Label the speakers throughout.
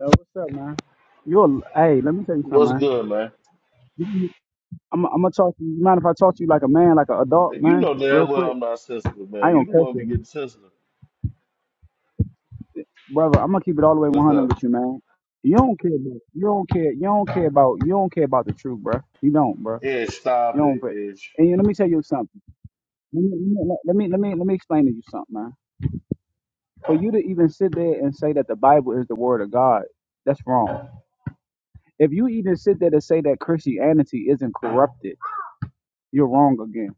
Speaker 1: Yo, what's up, man? You're hey, let me tell you something,
Speaker 2: What's
Speaker 1: man.
Speaker 2: good, man?
Speaker 1: You- I'm, I'm gonna talk to you. Mind if I talk to you like a man, like an adult,
Speaker 2: You
Speaker 1: man,
Speaker 2: know
Speaker 1: real
Speaker 2: damn well
Speaker 1: quick?
Speaker 2: I'm not sensitive,
Speaker 1: I
Speaker 2: man.
Speaker 1: ain't
Speaker 2: You the
Speaker 1: gonna cut
Speaker 2: one be
Speaker 1: you,
Speaker 2: getting sensitive.
Speaker 1: brother. I'm gonna keep it all the way
Speaker 2: What's
Speaker 1: 100
Speaker 2: up?
Speaker 1: with you, man. You don't care, about, you don't care, you don't care about, you don't care about the truth, bruh. You don't, bruh.
Speaker 2: Ish,
Speaker 1: You
Speaker 2: stop
Speaker 1: don't,
Speaker 2: it,
Speaker 1: but
Speaker 2: Ish.
Speaker 1: and you, let me tell you something. Let me, let me let me let me explain to you something, man. For you to even sit there and say that the Bible is the word of God, that's wrong. If you even sit there to say that Christianity isn't corrupted, you're wrong again.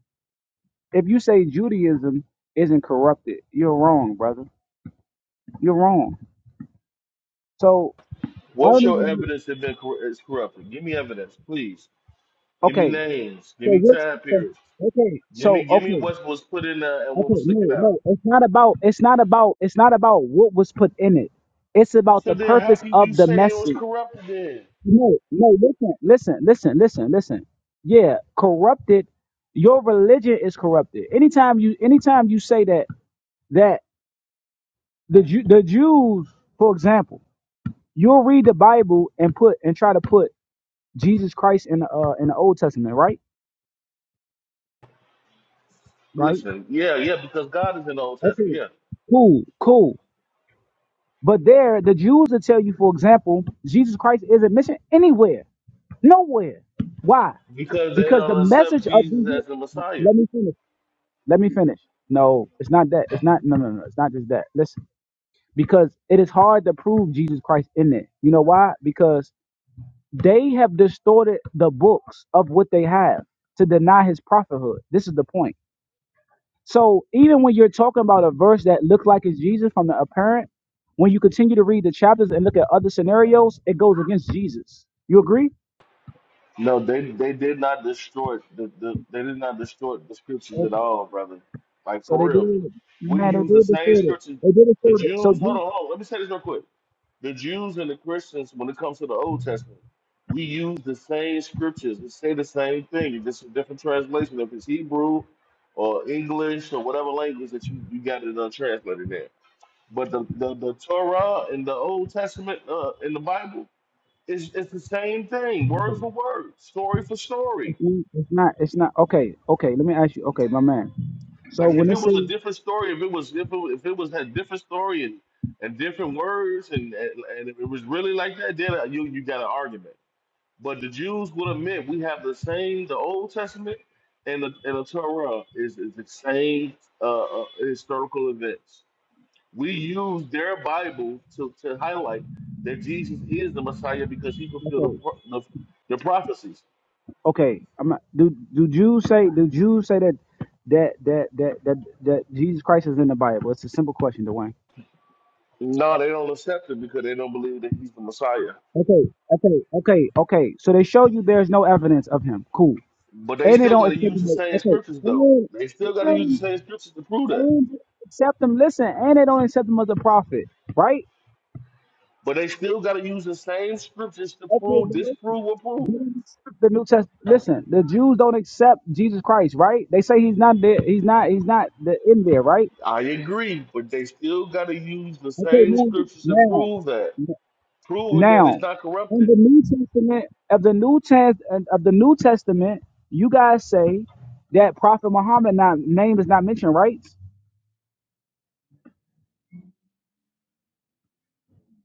Speaker 1: If you say Judaism isn't corrupted, you're wrong, brother. You're wrong. So I
Speaker 2: What's
Speaker 1: don't
Speaker 2: your
Speaker 1: even.
Speaker 2: evidence that been cor- is corrupted? Give me evidence, please. Give me
Speaker 1: Okay.
Speaker 2: names. Give
Speaker 1: So
Speaker 2: me
Speaker 1: what's
Speaker 2: time
Speaker 1: so-
Speaker 2: periods.
Speaker 1: okay?
Speaker 2: Give me,
Speaker 1: So
Speaker 2: give me
Speaker 1: okay,
Speaker 2: what was put in there and what
Speaker 1: okay.
Speaker 2: was
Speaker 1: No,
Speaker 2: taken out.
Speaker 1: no. It's not about. It's not about. It's not about what was put in it. It's about
Speaker 2: So
Speaker 1: the
Speaker 2: then, how
Speaker 1: purpose
Speaker 2: can you
Speaker 1: of the
Speaker 2: say it was
Speaker 1: message.
Speaker 2: corrupted? Then
Speaker 1: No, no. Listen, listen, listen, listen, listen. Yeah, corrupted. Your religion is corrupted. Anytime you, anytime you say that that the Ju- the Jews, for example. You'll read the Bible and put and try to put Jesus Christ in the uh, in the Old Testament, right? Right?
Speaker 2: listen, yeah, yeah, because God is in the Old Testament,
Speaker 1: Okay.
Speaker 2: yeah,
Speaker 1: Cool, cool. But there, the Jews will tell you, for example, Jesus Christ isn't mentioned anywhere, nowhere. Why?
Speaker 2: because they
Speaker 1: Because the
Speaker 2: don't accept
Speaker 1: message of
Speaker 2: Jesus
Speaker 1: Jesus.
Speaker 2: as the Messiah.
Speaker 1: Let me finish. Let me finish. No, it's not that. It's not. No, no, no. It's not just that. Listen, because it is hard to prove Jesus Christ in it. You know why? Because they have distorted the books of what they have to deny his prophethood. This is the point So even when you're talking about a verse that looks like it's Jesus from the apparent, when you continue to read the chapters and look at other scenarios, it goes against Jesus. You agree?
Speaker 2: No, they they did not distort the, the they did not distort the scriptures at
Speaker 1: Okay.
Speaker 2: all, brother. Like
Speaker 1: So they
Speaker 2: for real.
Speaker 1: did.
Speaker 2: We
Speaker 1: Man, they
Speaker 2: use the
Speaker 1: did
Speaker 2: same
Speaker 1: distort it.
Speaker 2: scriptures.
Speaker 1: They did
Speaker 2: The
Speaker 1: distort it. So
Speaker 2: Jews, hold
Speaker 1: Je-
Speaker 2: on, hold on. Let me say this real quick. The Jews and the Christians, when it comes to the Old Testament, we use the same scriptures. We say the same thing. It's just a different translation. If it's Hebrew or English or whatever language that you, you got it untranslated there. But the, the, the Torah and the Old Testament uh, in the Bible it's, it's the same thing, word
Speaker 1: okay.
Speaker 2: for word, story for story.
Speaker 1: it's not. It's not. It's not. Okay. Okay. Let me ask you. Okay, my man. So
Speaker 2: Like if
Speaker 1: when
Speaker 2: it
Speaker 1: it says
Speaker 2: was a different story, if it was if it, if it was a different story and, and different words, and, and and if it was really like that, then uh, you you got an argument. But the Jews would admit we have the same, the Old Testament and the and the Torah is, is the same uh, uh, historical events. We use their Bible to, to highlight that Jesus is the Messiah because he fulfilled
Speaker 1: okay,
Speaker 2: the, the the prophecies.
Speaker 1: okay, I'm not, do do Jews say do Jews say that that that that that, that Jesus Christ is in the Bible? It's a simple question, Dwayne.
Speaker 2: No, they don't accept it because they don't believe that he's the Messiah.
Speaker 1: Okay, okay, okay, okay. So they show you there's no evidence of him. Cool.
Speaker 2: But they
Speaker 1: And they
Speaker 2: still
Speaker 1: don't
Speaker 2: got to
Speaker 1: accept
Speaker 2: use
Speaker 1: him.
Speaker 2: the same
Speaker 1: as- Okay.
Speaker 2: scriptures, though.
Speaker 1: And,
Speaker 2: They still got to use the
Speaker 1: and,
Speaker 2: same scriptures to prove that.
Speaker 1: and they accept him. Listen, and they don't accept him as a prophet, right?
Speaker 2: But they still got to use the same scriptures to
Speaker 1: Okay,
Speaker 2: prove
Speaker 1: but listen.
Speaker 2: disprove or
Speaker 1: They
Speaker 2: prove.
Speaker 1: don't accept the New Testament. Listen, the Jews don't accept Jesus Christ, right? They say he's not there. He's not. He's not the, in there, right?
Speaker 2: I agree, but they still got to use the
Speaker 1: Okay,
Speaker 2: same
Speaker 1: now,
Speaker 2: scriptures to
Speaker 1: now,
Speaker 2: prove that, proving that it's
Speaker 1: Now,
Speaker 2: not
Speaker 1: in
Speaker 2: corrupted.
Speaker 1: the New Testament of the New Test of the New Testament, you guys say that Prophet Muhammad not, name is not mentioned, right?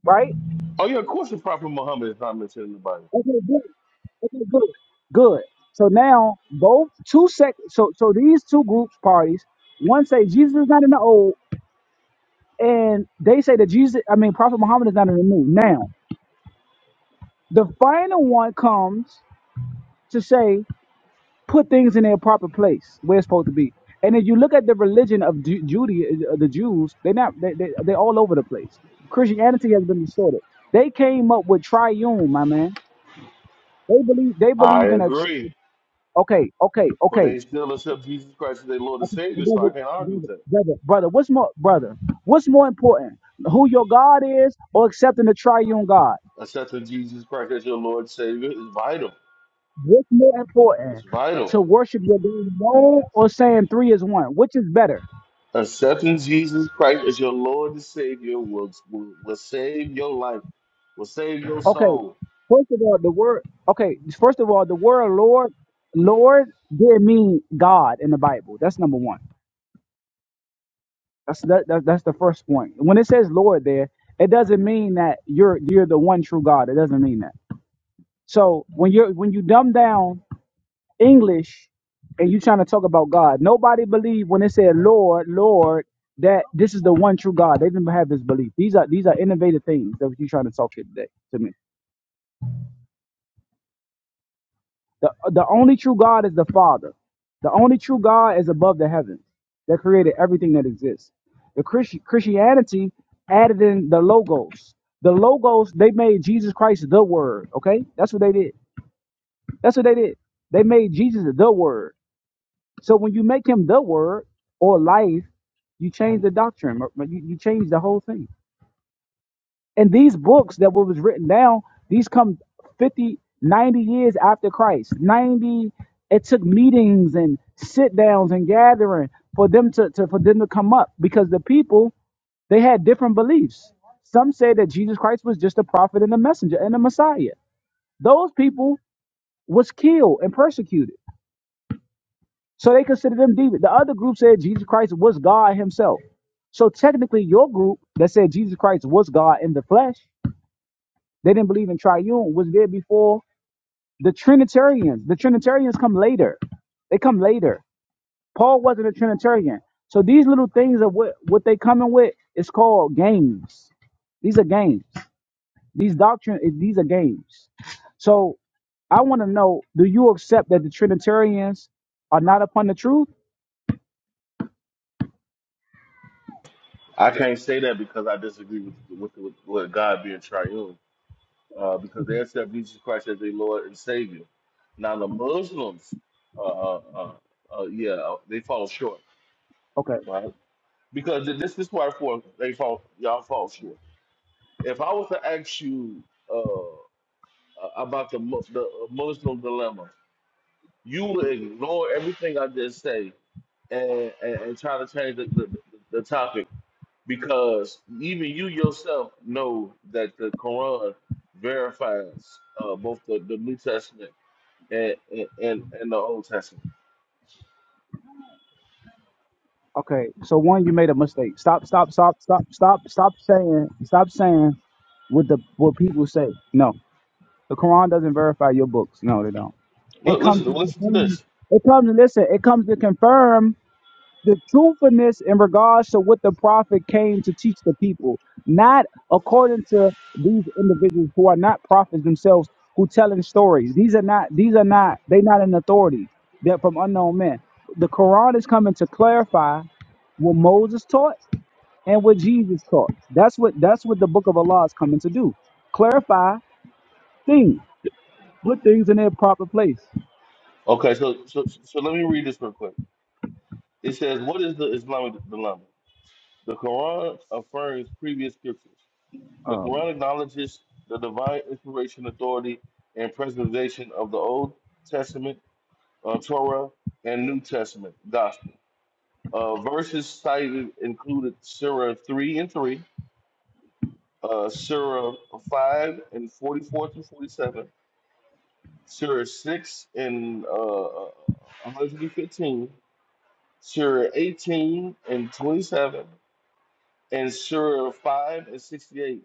Speaker 1: Right?
Speaker 2: Oh yeah, of course the Prophet Muhammad is not mentioned in the Bible.
Speaker 1: Okay, good. Okay, good. Good. So now both two sec so so these two groups parties, one say Jesus is not in the old, and they say that Jesus I mean Prophet Muhammad is not in the new. Now, the final one comes to say put things in their proper place where it's supposed to be. And if you look at the religion of Ju- Judy, uh, uh, the Jews, they're not they, they, they're all over the place. Christianity has been distorted. They came up with triune, my man. They believe they
Speaker 2: I
Speaker 1: believe in a tr-
Speaker 2: agree,
Speaker 1: okay, okay,
Speaker 2: but
Speaker 1: okay,
Speaker 2: they still accept Jesus Christ as their Lord and
Speaker 1: okay,
Speaker 2: Savior, so
Speaker 1: brother,
Speaker 2: I can't argue with
Speaker 1: brother,
Speaker 2: that.
Speaker 1: brother, brother. What's more, brother? What's more important, who your God is, or accepting the triune God?
Speaker 2: Accepting Jesus Christ as your Lord and Savior is vital.
Speaker 1: What's more
Speaker 2: It's
Speaker 1: important,
Speaker 2: vital.
Speaker 1: to worship your God alone, or saying three is one? Which is better?
Speaker 2: Accepting Jesus Christ as your Lord and Savior will, will, will save your life, will save your
Speaker 1: Okay,
Speaker 2: soul.
Speaker 1: First of all, the word okay. First of all, the word Lord, Lord did mean God in the Bible. That's number one. That's that, that, that's the first point. When it says Lord there, it doesn't mean that you're you're the one true God. It doesn't mean that. So when you're when you dumb down English and you're trying to talk about God, nobody believed when it said Lord, Lord that this is the one true God. They didn't have this belief. These are these are innovative things that you're trying to talk here today to me. The, the only true God is the Father. The only true God is above the heavens that created everything that exists. The Christi- Christianity added in the logos. The logos, they made Jesus Christ the word, okay? That's what they did. That's what they did. They made Jesus the word. So when you make him the word or life, you change the doctrine, or- or you, you change the whole thing. And these books that was written down, these come 50, 90 years after Christ. 90, it took meetings and sit downs and gathering for them to, to for them to come up because the people they had different beliefs. Some say that Jesus Christ was just a prophet and a messenger and a Messiah. Those people was killed and persecuted. So they considered them demons. The other group said Jesus Christ was God himself. So technically your group that said Jesus Christ was God in the flesh They didn't believe in triune, was there before the Trinitarians. The Trinitarians come later. They come later. Paul wasn't a Trinitarian. So these little things of what, what they coming with is called games. These are games. These doctrine is- these are games. So I want to know, do you accept that the Trinitarians are not upon the truth?
Speaker 2: I can't say that because I disagree with with, with, with God being triune, uh, because they accept Jesus Christ as their Lord and Savior. Now the Muslims, uh, uh, uh, uh, yeah, uh, they fall short,
Speaker 1: Okay.
Speaker 2: right? Because th- this is why for they fall y'all fall short. If I was to ask you uh, about the Mu- the Muslim dilemma, you would ignore everything I just say and, and, and try to change the, the, the topic because even you yourself know that the Quran verifies uh, both the, the New Testament and, and, and and the Old Testament.
Speaker 1: Okay. So one, you made a mistake. Stop, stop, stop, stop, stop, stop saying, stop saying what the what people say. No. The Quran doesn't verify your books. No, they don't. It
Speaker 2: Look,
Speaker 1: comes
Speaker 2: listen,
Speaker 1: to
Speaker 2: listen to
Speaker 1: confirm,
Speaker 2: this.
Speaker 1: it comes listen, it comes to confirm the truthfulness in regards to what the prophet came to teach the people, not according to these individuals who are not prophets themselves who telling stories. These are not these are not they not an authority. They're from unknown men. The Quran is coming to clarify what Moses taught and what Jesus taught. That's what that's what the book of Allah is coming to do. Clarify things. Put things in their proper place.
Speaker 2: Okay, so, so so let me read this real quick. It says, "What is the Islamic dilemma? The Quran affirms previous scriptures. The Quran
Speaker 1: Um,
Speaker 2: acknowledges the divine inspiration, authority, and preservation of the Old Testament uh, Torah and New Testament gospel. Uh, verses cited included Surah 3 and 3, uh, Surah 5 and 44 through 47, Surah 6 and uh, 115, Surah 18 and 27, and Surah 5 and 68,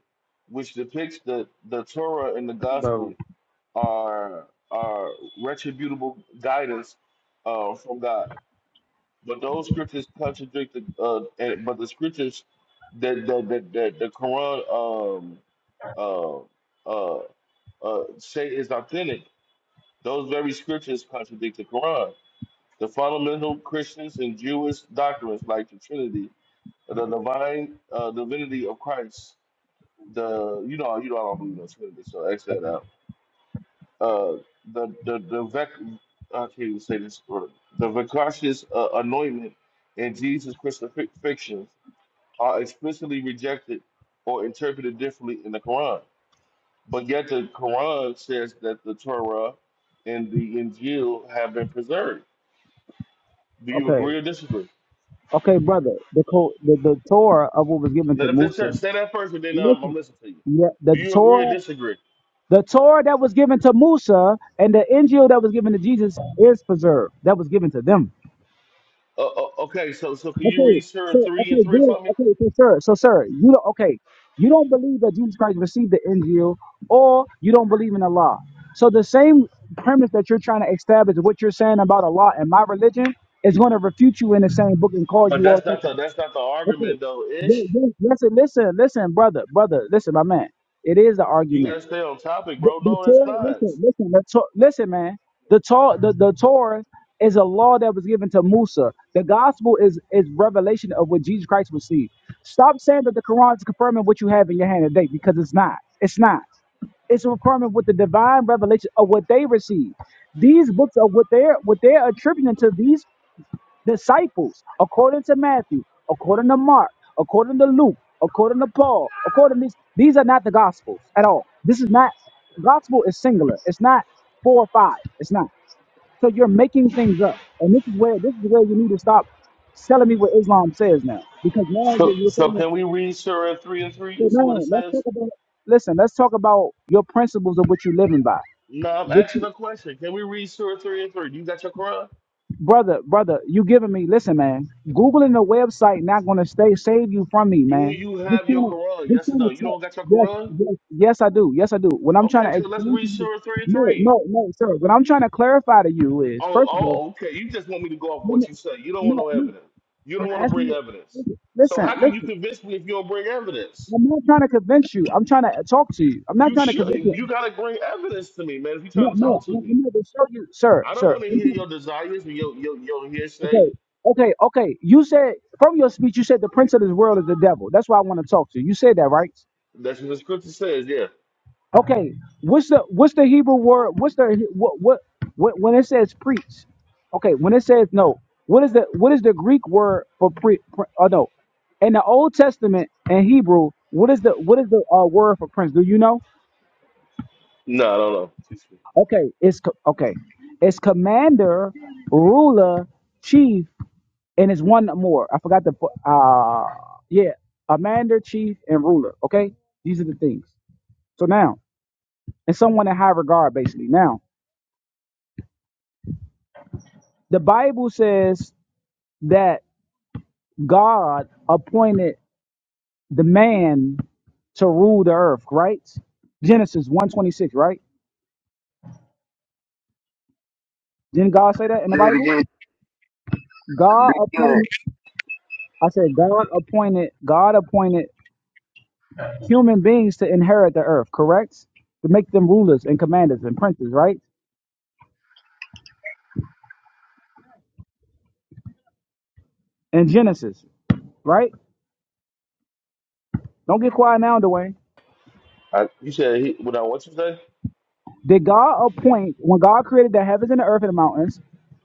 Speaker 2: which depicts that the Torah and the
Speaker 1: bro.
Speaker 2: gospel are, are retributable guidance uh, from God. But those scriptures contradict the uh, and, but the scriptures that that that, that the Quran um uh, uh, uh, say is authentic. Those very scriptures contradict the Quran. The fundamental Christians and Jewish doctrines, like the Trinity, the divine uh, divinity of Christ, the you know you know I don't believe in the Trinity, so X that out. Uh, the the the vec, I can't even say this word. The vicarious uh, anointment in Jesus' crucifixion are explicitly rejected or interpreted differently in the Quran. But yet the Quran says that the Torah and the Injil have been preserved. Do you
Speaker 1: Okay,
Speaker 2: agree or disagree?
Speaker 1: okay, brother. The co- the the Torah of what was given to
Speaker 2: Let me
Speaker 1: Musa.
Speaker 2: just say that first, and then I'm, I'm
Speaker 1: Listen,
Speaker 2: listening to you.
Speaker 1: yeah,
Speaker 2: Do
Speaker 1: the
Speaker 2: you agree or
Speaker 1: Torah,
Speaker 2: disagree?
Speaker 1: the Torah that was given to Musa and the Injil that was given to Jesus is preserved. That was given to them.
Speaker 2: Uh, uh, okay, so so can you
Speaker 1: Okay,
Speaker 2: read Surah
Speaker 1: so
Speaker 2: three and
Speaker 1: okay,
Speaker 2: three
Speaker 1: good.
Speaker 2: for me?
Speaker 1: Okay, so sir, so sir, you don't okay. You don't believe that Jesus Christ received the Injil, or you don't believe in Allah. So the same premise that you're trying to establish, what you're saying about Allah and my religion, is going to refute you in the same book and call
Speaker 2: But
Speaker 1: you all
Speaker 2: that's not
Speaker 1: something.
Speaker 2: the that's not the
Speaker 1: Okay,
Speaker 2: argument though, Ish.
Speaker 1: Ye- ye- listen, listen, listen, brother, brother, listen, my man. It is the
Speaker 2: You
Speaker 1: argument
Speaker 2: gotta stay on topic,
Speaker 1: the,
Speaker 2: bro.
Speaker 1: the
Speaker 2: No, that's
Speaker 1: Torah,
Speaker 2: not.
Speaker 1: listen, listen, the Tor- listen, man. The Torah, the, the Torah is a law that was given to Musa. The gospel is is revelation of what Jesus Christ received. Stop saying that the Quran is confirming what you have in your hand today because it's not. It's not. It's a requirement with the divine revelation of what they received. These books are what they're what they're attributing to these disciples, according to Matthew, according to Mark, according to Luke, according to Paul, according to these, these are not the gospels at all. This is not gospel is singular. It's not four or five. It's not. So you're making things up. And this is where this is where you need to stop telling me what Islam says now. Because now
Speaker 2: So
Speaker 1: you're, you're
Speaker 2: so
Speaker 1: thinking,
Speaker 2: can we read Surah three and three
Speaker 1: so
Speaker 2: and see what
Speaker 1: now
Speaker 2: it
Speaker 1: let's
Speaker 2: says?
Speaker 1: talk about listen, let's talk about your principles of what you're living by.
Speaker 2: No, I'm
Speaker 1: What you.
Speaker 2: asking a question. Can we read Surah 3 and 3? Do You got your Quran?
Speaker 1: brother, brother, you giving me, listen, man, Googling the website not going to stay, save you from me,
Speaker 2: Do
Speaker 1: man.
Speaker 2: you
Speaker 1: Just
Speaker 2: have your
Speaker 1: trying to,
Speaker 2: Quran?
Speaker 1: just
Speaker 2: Yes or
Speaker 1: trying
Speaker 2: no?
Speaker 1: to
Speaker 2: You
Speaker 1: tell,
Speaker 2: don't got your
Speaker 1: yes,
Speaker 2: Quran?
Speaker 1: yes, yes, I do. Yes, I do. When I'm trying
Speaker 2: Okay,
Speaker 1: to
Speaker 2: so let's
Speaker 1: explain to
Speaker 2: read
Speaker 1: you,
Speaker 2: Surah 3 and
Speaker 1: no,
Speaker 2: 3.
Speaker 1: no, no, sir. What I'm trying to clarify to you is,
Speaker 2: Oh,
Speaker 1: first of all,
Speaker 2: oh, okay. You just want me to go off
Speaker 1: let me-
Speaker 2: what you say. You don't want
Speaker 1: no,
Speaker 2: no
Speaker 1: no,
Speaker 2: evidence. You
Speaker 1: I'm
Speaker 2: don't want to
Speaker 1: asking
Speaker 2: bring
Speaker 1: you,
Speaker 2: evidence.
Speaker 1: listen,
Speaker 2: So
Speaker 1: listen,
Speaker 2: how can you
Speaker 1: listen.
Speaker 2: convince me if you don't bring evidence?
Speaker 1: I'm not trying to convince you. I'm trying to talk to you. I'm not
Speaker 2: You
Speaker 1: trying to
Speaker 2: should.
Speaker 1: convince you.
Speaker 2: You got to bring evidence to me, man, if you're
Speaker 1: No,
Speaker 2: trying to
Speaker 1: no,
Speaker 2: talk to
Speaker 1: I'm
Speaker 2: me.
Speaker 1: not to show you, sir,
Speaker 2: I don't
Speaker 1: sir.
Speaker 2: want to hear your desires and your, your, your hearsay.
Speaker 1: Okay, okay, okay. You said from your speech, you said the prince of this world is the devil. That's why I want to talk to you. You said that, right?
Speaker 2: That's what the scripture says, yeah.
Speaker 1: Okay. What's the what's the Hebrew word? What's the what what, what when it says preach? Okay, when it says no, what is the what is the Greek word for pre? pre oh no, in the Old Testament in Hebrew, what is the what is the uh, word for prince? Do you know?
Speaker 2: No, I don't know. Excuse me.
Speaker 1: Okay, it's co- okay, it's commander, ruler, chief, and it's one more. I forgot the fu- uh yeah, a commander, Chief, and Ruler. Okay, these are the things. So now, and someone in high regard, basically. Now, the Bible says that God appointed the man to rule the earth, right? Genesis one twenty six, right? Didn't God say that in the
Speaker 3: Say it
Speaker 1: Bible?
Speaker 3: again.
Speaker 1: God
Speaker 3: Do it again.
Speaker 1: appointed. I said God appointed. God appointed human beings to inherit the earth, correct? To make them rulers and commanders and princes, right? In Genesis, right? Don't get quiet now, Dwayne.
Speaker 2: I, you said, he, what I, what you say?
Speaker 1: Did God appoint when God created the heavens and the earth and the mountains?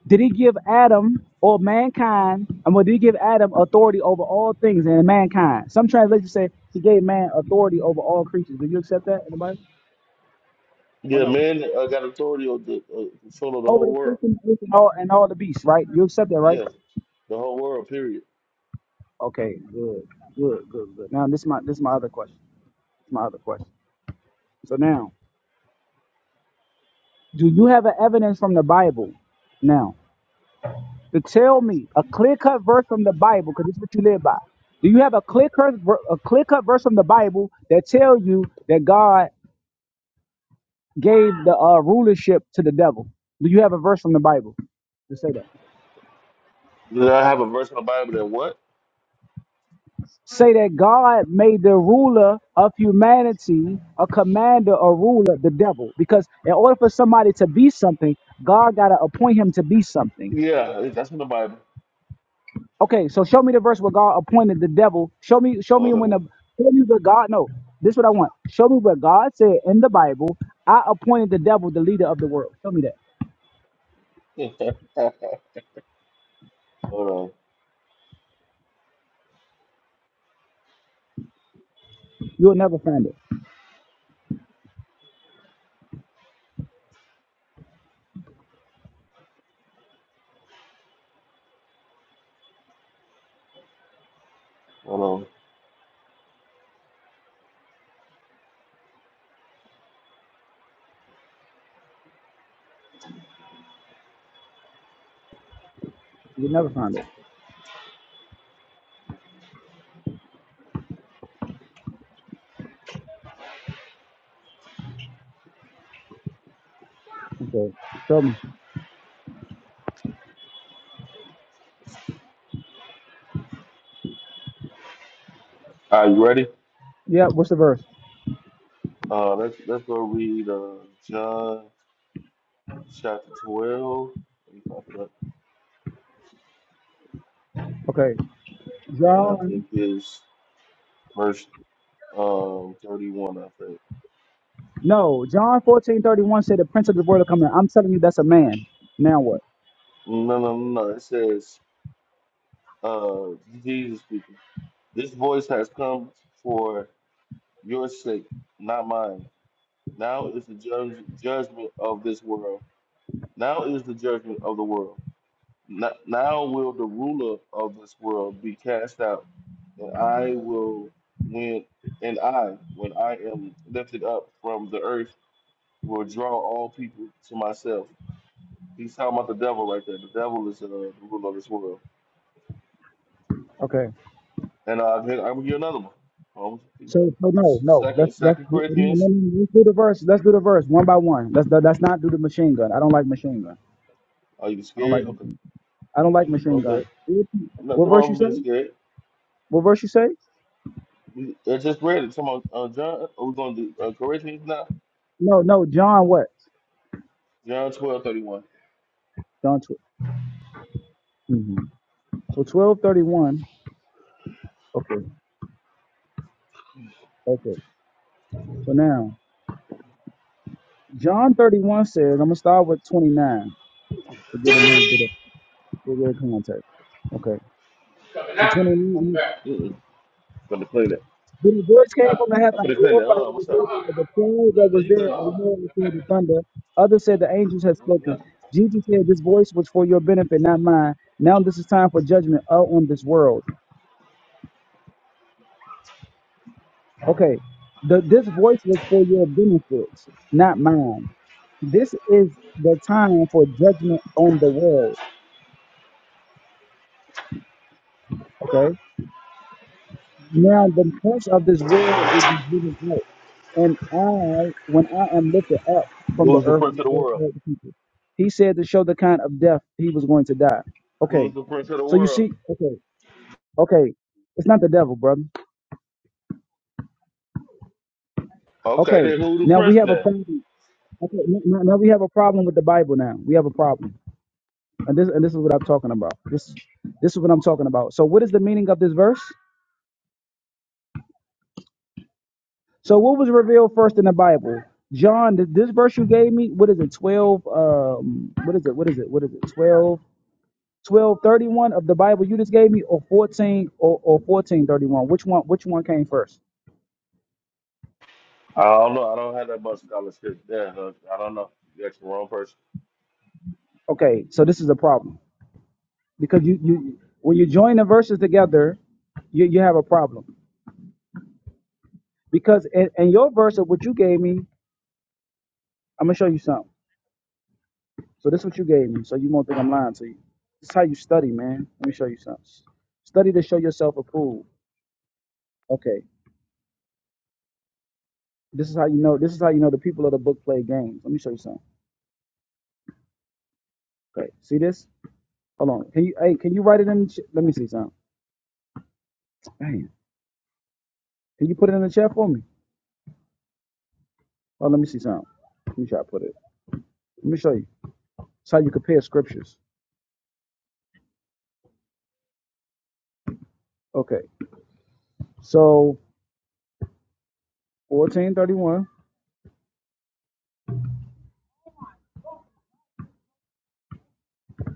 Speaker 1: Did He give Adam or mankind? I mean, did He give Adam authority over all things and mankind? Some translations say He gave man authority over all creatures. Do you accept that? Anybody? Or
Speaker 2: Yeah,
Speaker 1: no?
Speaker 2: man uh, got authority over the uh, control of the
Speaker 1: Over
Speaker 2: whole
Speaker 1: the
Speaker 2: world.
Speaker 1: fish and all and all the beasts, right? You accept that, right?
Speaker 2: Yeah, the whole world, period.
Speaker 1: Okay, good, good, good, good. Now this is my this is my other question. My other question. So now, do you have an evidence from the Bible? Now. to tell me a clear cut verse from the Bible, because this is what you live by. Do you have a clear cut a clear cut verse from the Bible that tell you that God gave the uh, rulership to the devil? Do you have a verse from the Bible to say that?
Speaker 2: Did I have a verse in the Bible that what?
Speaker 1: Say that God made the ruler of humanity a commander, a ruler, the devil. Because in order for somebody to be something, God got to appoint him to be something.
Speaker 2: Yeah, that's in the Bible.
Speaker 1: Okay, so show me the verse where God appointed the devil. Show me, show me
Speaker 2: Hold
Speaker 1: when the
Speaker 2: on.
Speaker 1: show me where God. No, this is what I want. Show me where God said in the Bible, "I appointed the devil the leader of the world." Show me that.
Speaker 2: Yeah, hold on.
Speaker 1: You'll never find it.
Speaker 2: Hold on.
Speaker 1: You'll never find it. Okay, show me.
Speaker 2: Are you ready?
Speaker 1: Yeah, what's the verse?
Speaker 2: Uh, let's let's go read uh, John chapter twelve. Let me pop it up.
Speaker 1: Okay,
Speaker 2: And I
Speaker 1: John.
Speaker 2: think it's verse um thirty-one. I think.
Speaker 1: No, John fourteen thirty one said the prince of the world will come in. I'm telling you, that's a man. Now what?
Speaker 2: No, no, no. no. It says, uh, Jesus speaking. This voice has come for your sake, not mine. Now is the judge, judgment of this world. Now is the judgment of the world. N- Now will the ruler of this world be cast out, and I will when and I, when I am lifted up from the earth, will draw all people to myself. He's talking about the devil right there. The devil is uh, the ruler of this world.
Speaker 1: Okay.
Speaker 2: And uh, I'm gonna give you another one. Um,
Speaker 1: So, so no, no. Let's
Speaker 2: Second,
Speaker 1: let's
Speaker 2: Second
Speaker 1: do- no, no,
Speaker 2: Corinthians.
Speaker 1: no, let's do the verse. Let's do the verse one by one. Let's let's not do the machine gun. I don't like machine gun.
Speaker 2: Are you
Speaker 1: I don't like.
Speaker 2: scared? Okay.
Speaker 1: I don't like machine gun.
Speaker 2: Okay.
Speaker 1: What
Speaker 2: I'm not
Speaker 1: what
Speaker 2: the
Speaker 1: verse you
Speaker 2: one
Speaker 1: say?
Speaker 2: being scared.
Speaker 1: What verse you say?
Speaker 2: We- I just read it. Come on, uh, John. Are we going to do uh, Corinthians now?
Speaker 1: No, no, John what?
Speaker 2: John twelve thirty one.
Speaker 1: John 12. hmm So twelve thirty one. Okay. Okay. So now John thirty one says, I'm gonna start with twenty nine to get a little bit of to get context. Okay. So twenty nine
Speaker 2: Mm-mm. Gonna clean it.
Speaker 1: then the voice came from the
Speaker 2: I'm
Speaker 1: heaven and
Speaker 2: gonna clean it.
Speaker 1: glorified
Speaker 2: Uh,
Speaker 1: the
Speaker 2: what's up?
Speaker 1: glory of the cloud that
Speaker 2: Yeah,
Speaker 1: was
Speaker 2: you good?
Speaker 1: there and
Speaker 2: You
Speaker 1: heard and through the thunder. Others said the angels had
Speaker 2: good. Yeah.
Speaker 1: spoken. Jesus said, This voice was for your benefit, not mine. Now this is time for judgment out on this world. Okay, the, this voice was for your benefits, not mine. This is the time for judgment on the world. Okay, now the prince of this world will be given up, and I, when I am lifted up from the
Speaker 2: Who's the
Speaker 1: earth,
Speaker 2: prince of the
Speaker 1: will
Speaker 2: world?
Speaker 1: help he said to show the kind of death he was going to die. Okay,
Speaker 2: Who's the prince of the
Speaker 1: so you
Speaker 2: world?
Speaker 1: see, okay, okay, it's not the devil, brother.
Speaker 2: Okay,
Speaker 1: Okay,
Speaker 2: then who the
Speaker 1: now we
Speaker 2: prince
Speaker 1: have a
Speaker 2: then?
Speaker 1: problem. Okay, n- n- now we have a problem with the Bible. Now we have a problem. And this and this is what I'm talking about. This this is what I'm talking about. So what is the meaning of this verse? So what was revealed first in the Bible? John, th- this verse you gave me, what is it? 12 um what is it? What is it? What is it? 12 1231 of the Bible you just gave me or 14 or, or 1431. Which one which one came first?
Speaker 2: I don't know. I don't have that much scholarship. Yeah, uh, I don't know. You asked the wrong person.
Speaker 1: Okay, so this is a problem. Because you you when you join the verses together, you, you have a problem. Because in, in your verse of what you gave me, I'm gonna show you something. So this is what you gave me. So you won't think I'm lying to you. This is how you study, man. Let me show you something. Study to show yourself approved. Okay. This is how you know. This is how you know the people of the book play games. Let me show you something. Okay. See this? Hold on. Can you? Hey, can you write it in? The ch- let me see something. Damn. Can you put it in the chat for me? Oh, let me see something. Let me try to put it. Let me show you. It's how you compare scriptures. Okay. So 1431.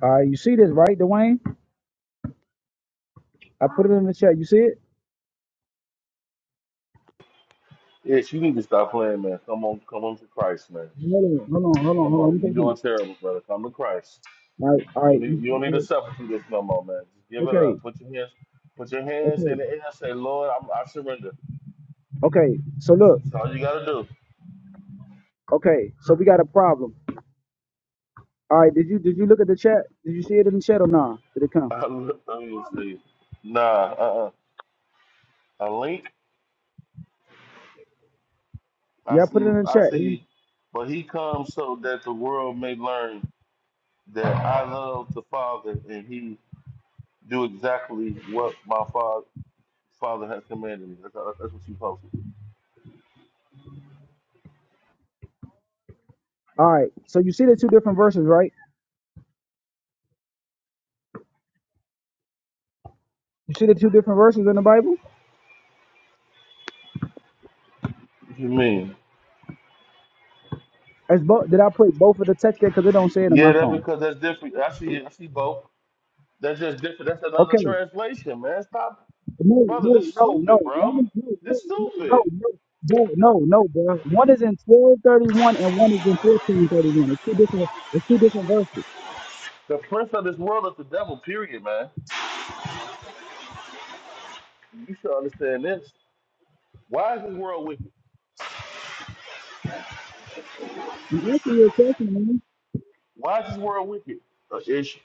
Speaker 1: All right. You see this, right, Dwayne? I put it in the chat. You see it?
Speaker 2: Yes, you need to stop playing, man. Come on, come on to Christ, man.
Speaker 1: Hold on. Hold on. Hold on. Hold
Speaker 2: Come
Speaker 1: on. Let me
Speaker 2: on, you
Speaker 1: take a look.
Speaker 2: doing terrible, brother. Come to Christ.
Speaker 1: All right, all
Speaker 2: You don't need you don't need
Speaker 1: right.
Speaker 2: to suffer through this no more, man. Just give it
Speaker 1: Okay,
Speaker 2: up. Put your hands put your hands
Speaker 1: okay,
Speaker 2: in the air. Say, Lord, I'm, I surrender.
Speaker 1: okay. So look,
Speaker 2: That's all you gotta do.
Speaker 1: okay. So we got a problem. All right. Did you did you look at the chat? Did you see it in the chat or nah? Did it come?
Speaker 2: I look, Let me see. Nah, uh, uh a link. I
Speaker 1: Yeah, I put it
Speaker 2: see.
Speaker 1: in the
Speaker 2: I
Speaker 1: chat.
Speaker 2: see. But he comes so that the world may learn that I love the Father and He do exactly what my Father Father has commanded me. That's, that's what you posted.
Speaker 1: All right. So you see the two different verses, right? You see the two different verses in the Bible?
Speaker 2: What you mean?
Speaker 1: As both did I put both of the text there because it don't say it in my
Speaker 2: Yeah, that
Speaker 1: phone?
Speaker 2: because that's different. I see. I see both. That's just different. That's another
Speaker 1: Okay.
Speaker 2: translation, man. Stop
Speaker 1: No,
Speaker 2: Brother,
Speaker 1: no,
Speaker 2: this
Speaker 1: no, no,
Speaker 2: stupid,
Speaker 1: one
Speaker 2: bro.
Speaker 1: is- no, no,
Speaker 2: This
Speaker 1: no, no,
Speaker 2: stupid.
Speaker 1: no. No, no, no, bro. One is in twelve thirty one and one is in fourteen thirty one. It's two different. It's two different verses.
Speaker 2: The prince of this world is the devil, period, man. You should understand this. Why is this world wicked?
Speaker 1: You answer your question, man.
Speaker 2: Why is this world wicked? Uh, Ish.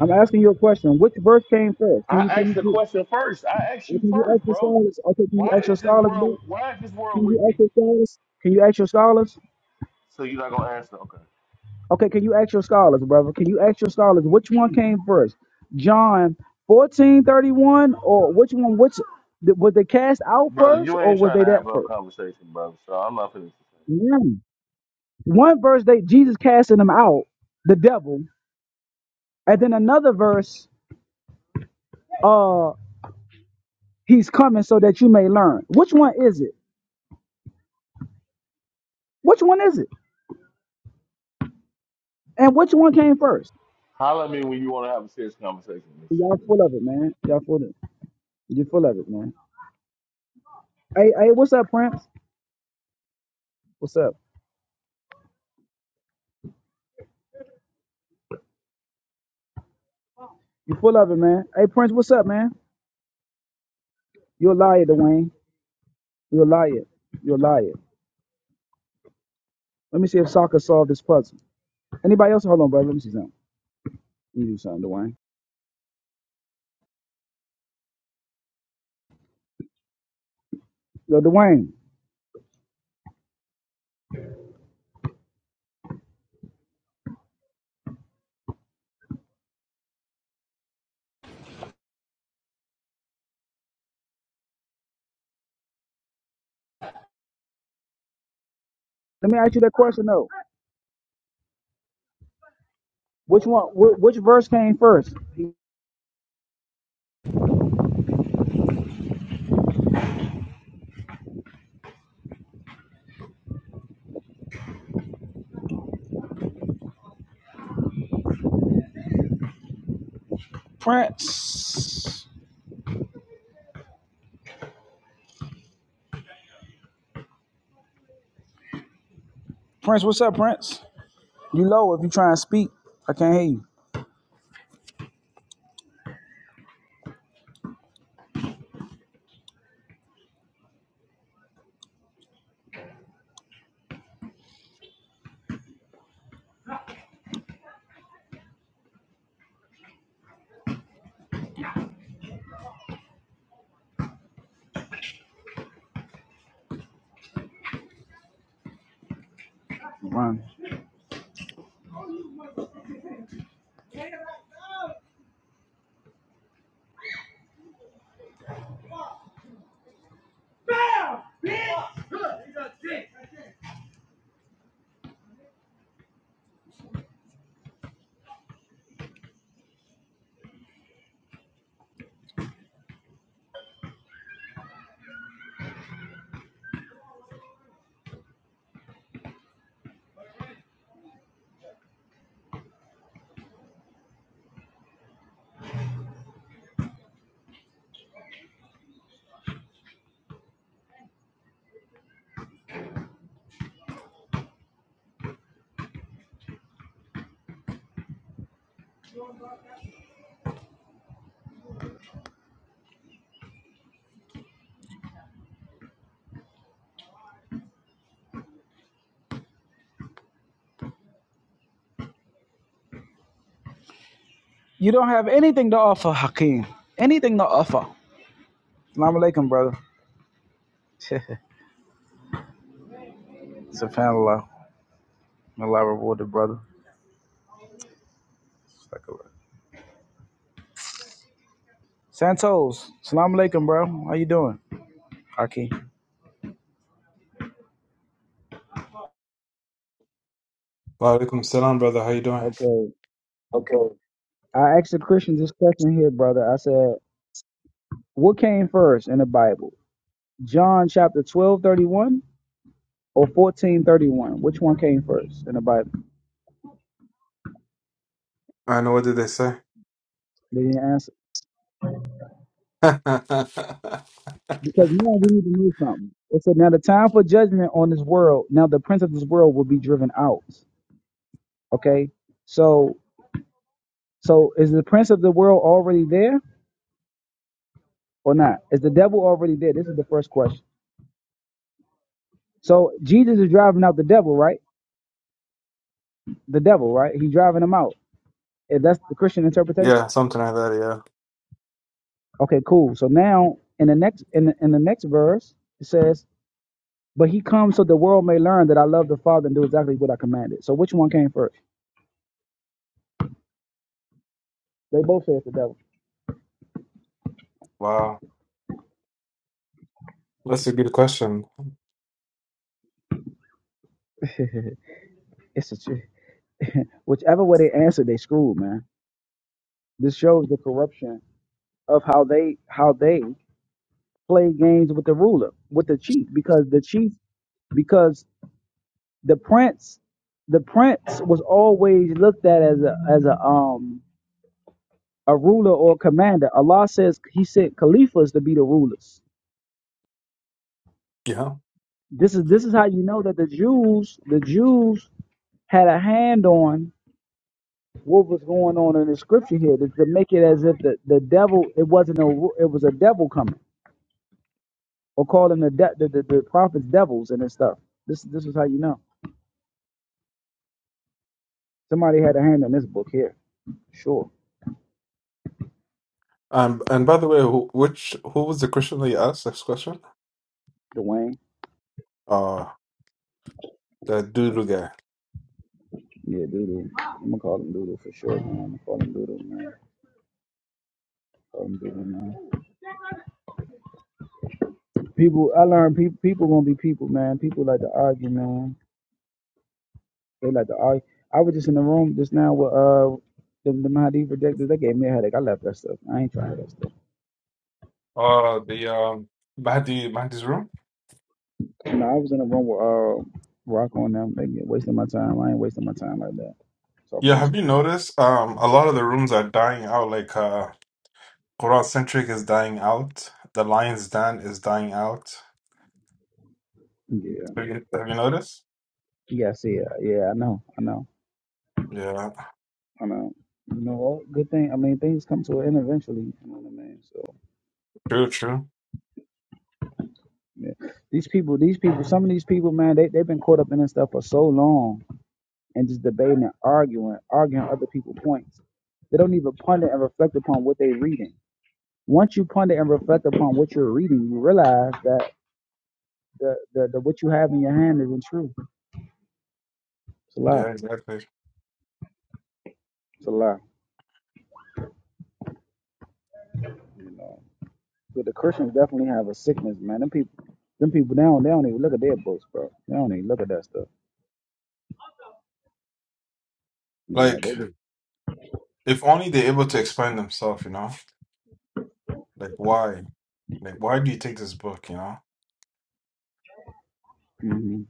Speaker 1: I'm asking you a question. Which verse came first? Can you
Speaker 2: I
Speaker 1: can
Speaker 2: asked
Speaker 1: you
Speaker 2: the
Speaker 1: do-
Speaker 2: question first. I asked
Speaker 1: or
Speaker 2: you
Speaker 1: can you
Speaker 2: first,
Speaker 1: ask your
Speaker 2: bro.
Speaker 1: scholars? Okay, can you
Speaker 2: Why
Speaker 1: ask your
Speaker 2: is this
Speaker 1: scholars, bro?
Speaker 2: world why is this
Speaker 1: Can
Speaker 2: world
Speaker 1: you ask
Speaker 2: wicked?
Speaker 1: your scholars? Can you ask your scholars?
Speaker 2: So you're not gonna answer? Okay.
Speaker 1: Okay, can you ask your scholars, brother? Can you ask your scholars which one came first? John 1431 or which one which th- was they cast out
Speaker 2: Brother,
Speaker 1: first
Speaker 2: you
Speaker 1: or
Speaker 2: ain't
Speaker 1: was
Speaker 2: trying
Speaker 1: they
Speaker 2: to have
Speaker 1: that
Speaker 2: a
Speaker 1: first?
Speaker 2: conversation, brother. So I'm not finished.
Speaker 1: One. One verse they Jesus casting them out, the devil, and then another verse, uh, he's coming so that you may learn. Which one is it? Which one is it? And which one came first?
Speaker 2: Holler at me when you wanna have a serious conversation.
Speaker 1: Y'all full of it, man. Y'all full of it. You full of it, man. Hey, hey, what's up, Prince? What's up? You full of it, man. Hey, Prince, what's up, man? You're a liar, Dwayne. You're a liar. You're a liar. Let me see if soccer solved this puzzle. Anybody else? Hold on, brother. Let me see something. You do something, Dwayne. Yo, Dwayne. Let me ask you that question though. Which one? Wh- which verse came first? Prince. Prince, what's up, Prince? You low if you try and speak. I can't hear you. Run. You don't have anything to offer, Hakeem. Anything to offer. Salam alaikum, brother. SubhanAllah. May Allah reward the brother. Subhanallah. Santos. Salam alaikum, bro. How you doing, Hakeem?
Speaker 4: Walaikum salam, brother. How you doing?
Speaker 1: Okay.
Speaker 4: Okay.
Speaker 1: I asked a Christian this question here, brother. I said, what came first in the Bible? John chapter 12, 31 or 14, 31? Which one came first in the Bible?
Speaker 4: I know. What did they say?
Speaker 1: They didn't answer. Because now we need to know something. It said, now the time for judgment on this world, now the prince of this world will be driven out. Okay. So so is the prince of the world already there or not? Is the devil already there? This is the first question. So Jesus is driving out the devil, right? The devil, right? He's driving him out. If that's the Christian interpretation.
Speaker 4: yeah, something like that. Yeah.
Speaker 1: Okay, cool. So now in the next in the, in the next verse it says, "But he comes so the world may learn that I love the Father and do exactly what I commanded." So which one came first? They both say it's the devil.
Speaker 4: Wow, that's a good question.
Speaker 1: it's a tr- whichever way they answer, they screwed, man. This shows the corruption of how they how they play games with the ruler, with the chief, because the chief, because the prince, the prince was always looked at as a as a um a ruler or commander. Allah says He sent caliphs to be the rulers.
Speaker 4: Yeah.
Speaker 1: This is this is how you know that the Jews, the Jews had a hand on what was going on in the scripture here to, to make it as if the, the devil it wasn't a ru- it was a devil coming or calling the, de- the, the the prophets devils and this stuff. This this is how you know. Somebody had a hand on this book here. Sure.
Speaker 4: Um, and by the way, who, which who was the Christian that you asked this question?
Speaker 1: Dwayne.
Speaker 4: Uh, the doodle guy.
Speaker 1: Yeah, Doodle. I'm gonna call him Doodle for sure, man. I'm gonna call him Doodle, man. Call him Doodle, man. People, I learned people, people gonna be people, man. People like to argue, man. They like to argue. I was just in the room just now with uh the, the Mahdi projectors. They gave me a headache. I left that stuff. I ain't trying that stuff.
Speaker 4: Uh, the um Mahdi Mahdi's room.
Speaker 1: You know, I was in the room with uh Rocco and them. They get wasting my time. I ain't wasting my time like that
Speaker 4: Yeah.
Speaker 1: talking to them.
Speaker 4: Have you noticed? Um, a lot of the rooms are dying out. Like uh, Quran centric is dying out. The Lion's Den is dying out.
Speaker 1: Yeah,
Speaker 4: Have you
Speaker 1: but
Speaker 4: have you noticed?
Speaker 1: yeah, see, uh, yeah, I know, I know.
Speaker 4: Yeah.
Speaker 1: I know. You know, all good thing. I mean, things come to an end eventually. You know what I mean? So,
Speaker 4: True. True.
Speaker 1: yeah. These people, these people, some of these people, man, they, they've been caught up in this stuff for so long and just debating and arguing, arguing other people's points. They don't even ponder and reflect upon what they're reading. Once you ponder and reflect upon what you're reading, you realize that the, the, the what you have in your hand isn't true. It's a
Speaker 4: Yeah.
Speaker 1: lie.
Speaker 4: Exactly.
Speaker 1: It's a lie. You know. But the Christians definitely have a sickness, man. Them people, them people, they don't, they don't even look at their books, bro. They don't even look at that stuff. You know,
Speaker 4: Like.
Speaker 1: they just
Speaker 4: If only they're able to explain themselves, you know? Like why? Like why do you take this book, you know?
Speaker 1: Mhm.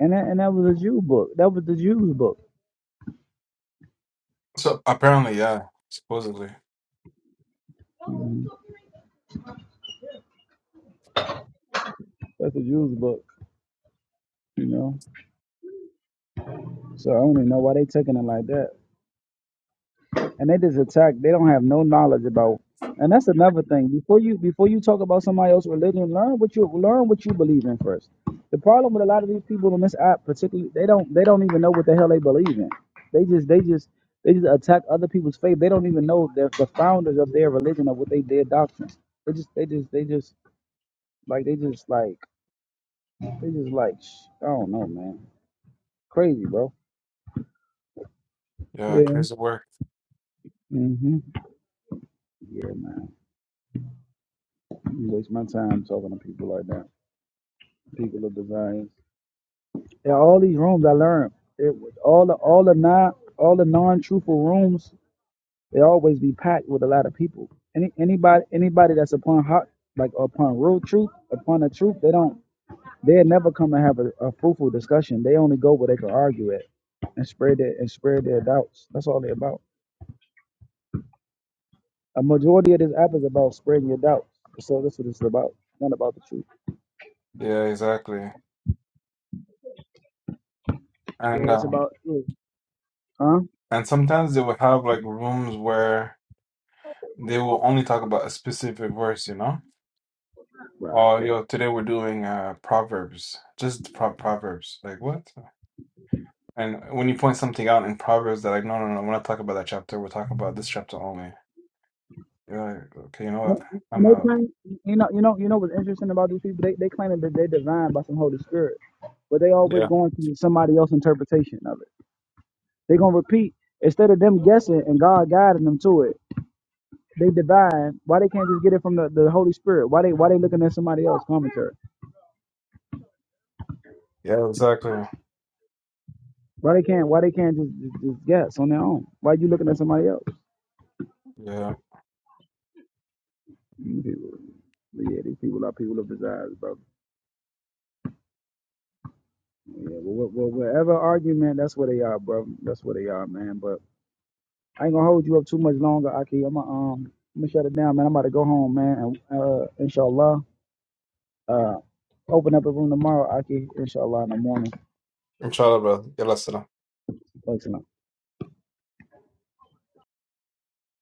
Speaker 1: And that, and that was a Jew book. That was the Jews book.
Speaker 4: So apparently, yeah, supposedly.
Speaker 1: Mhm. That's the Jews book. You know. So I don't even know why they taking it like that. And they just attack. They don't have no knowledge about. And that's another thing. Before you before you talk about somebody else's religion, learn what you learn what you believe in first. The problem with a lot of these people on this app, particularly, they don't they don't even know what the hell they believe in. They just they just they just attack other people's faith. They don't even know the, the founders of their religion or what they their doctrines. They just they just they just like they just like. They just like, sh- I don't know, man. Crazy, bro.
Speaker 4: Yeah,
Speaker 1: Yeah.
Speaker 4: crazy work.
Speaker 1: hmm Yeah, man. You waste my time talking to people like that. People of desires. Yeah, all these rooms I learned. It was all the all the non all the non truthful rooms. They always be packed with a lot of people. Any anybody anybody that's upon hot like upon real truth, upon the truth, they don't. They never come and have a, a fruitful discussion. They only go where they can argue at and spread their and spread their doubts. That's all they about. A majority of this app is about spreading your doubts. So that's what it's about. Not about the truth.
Speaker 4: Yeah, exactly. And
Speaker 1: Yeah, it's
Speaker 4: um
Speaker 1: about you. Huh?
Speaker 4: and sometimes they will have like rooms where they will only talk about a specific verse, you know?
Speaker 1: Right.
Speaker 4: Oh, yo, today we're doing uh Proverbs. Just pro Proverbs. Like what? And when you point something out in Proverbs, they're like, no, no, no, we're not talking about that chapter. We're talking about this chapter only. You're like, okay, you know
Speaker 1: And
Speaker 4: what?
Speaker 1: and
Speaker 4: I'm
Speaker 1: they
Speaker 4: out.
Speaker 1: claim, you know, you know, you know what's interesting about these people? They they claiming that they're divine by some Holy Spirit, but they always
Speaker 4: Yeah.
Speaker 1: going to somebody else's interpretation of it. They gonna repeat instead of them guessing and God guiding them to it. They divine. Why they can't just get it from the, the Holy Spirit? Why they why they looking at somebody else commentary?
Speaker 4: Yeah, exactly.
Speaker 1: Why they can't why they can't just, just, just guess on their own? Why you looking at somebody else?
Speaker 4: Yeah,
Speaker 1: You people, but yeah, these people are people of desires, bro. Yeah, well, well, well, whatever argument, that's where they are, bro. That's where they are, man. But I ain't gonna hold you up too much longer, Aki. I'm gonna um, I'm gonna shut it down, man. I'm about to go home, man. And uh, inshallah, uh, open up a room tomorrow, Aki. Inshallah, in the morning.
Speaker 4: I'm trying, bro. You listen up.
Speaker 1: Thanks, man.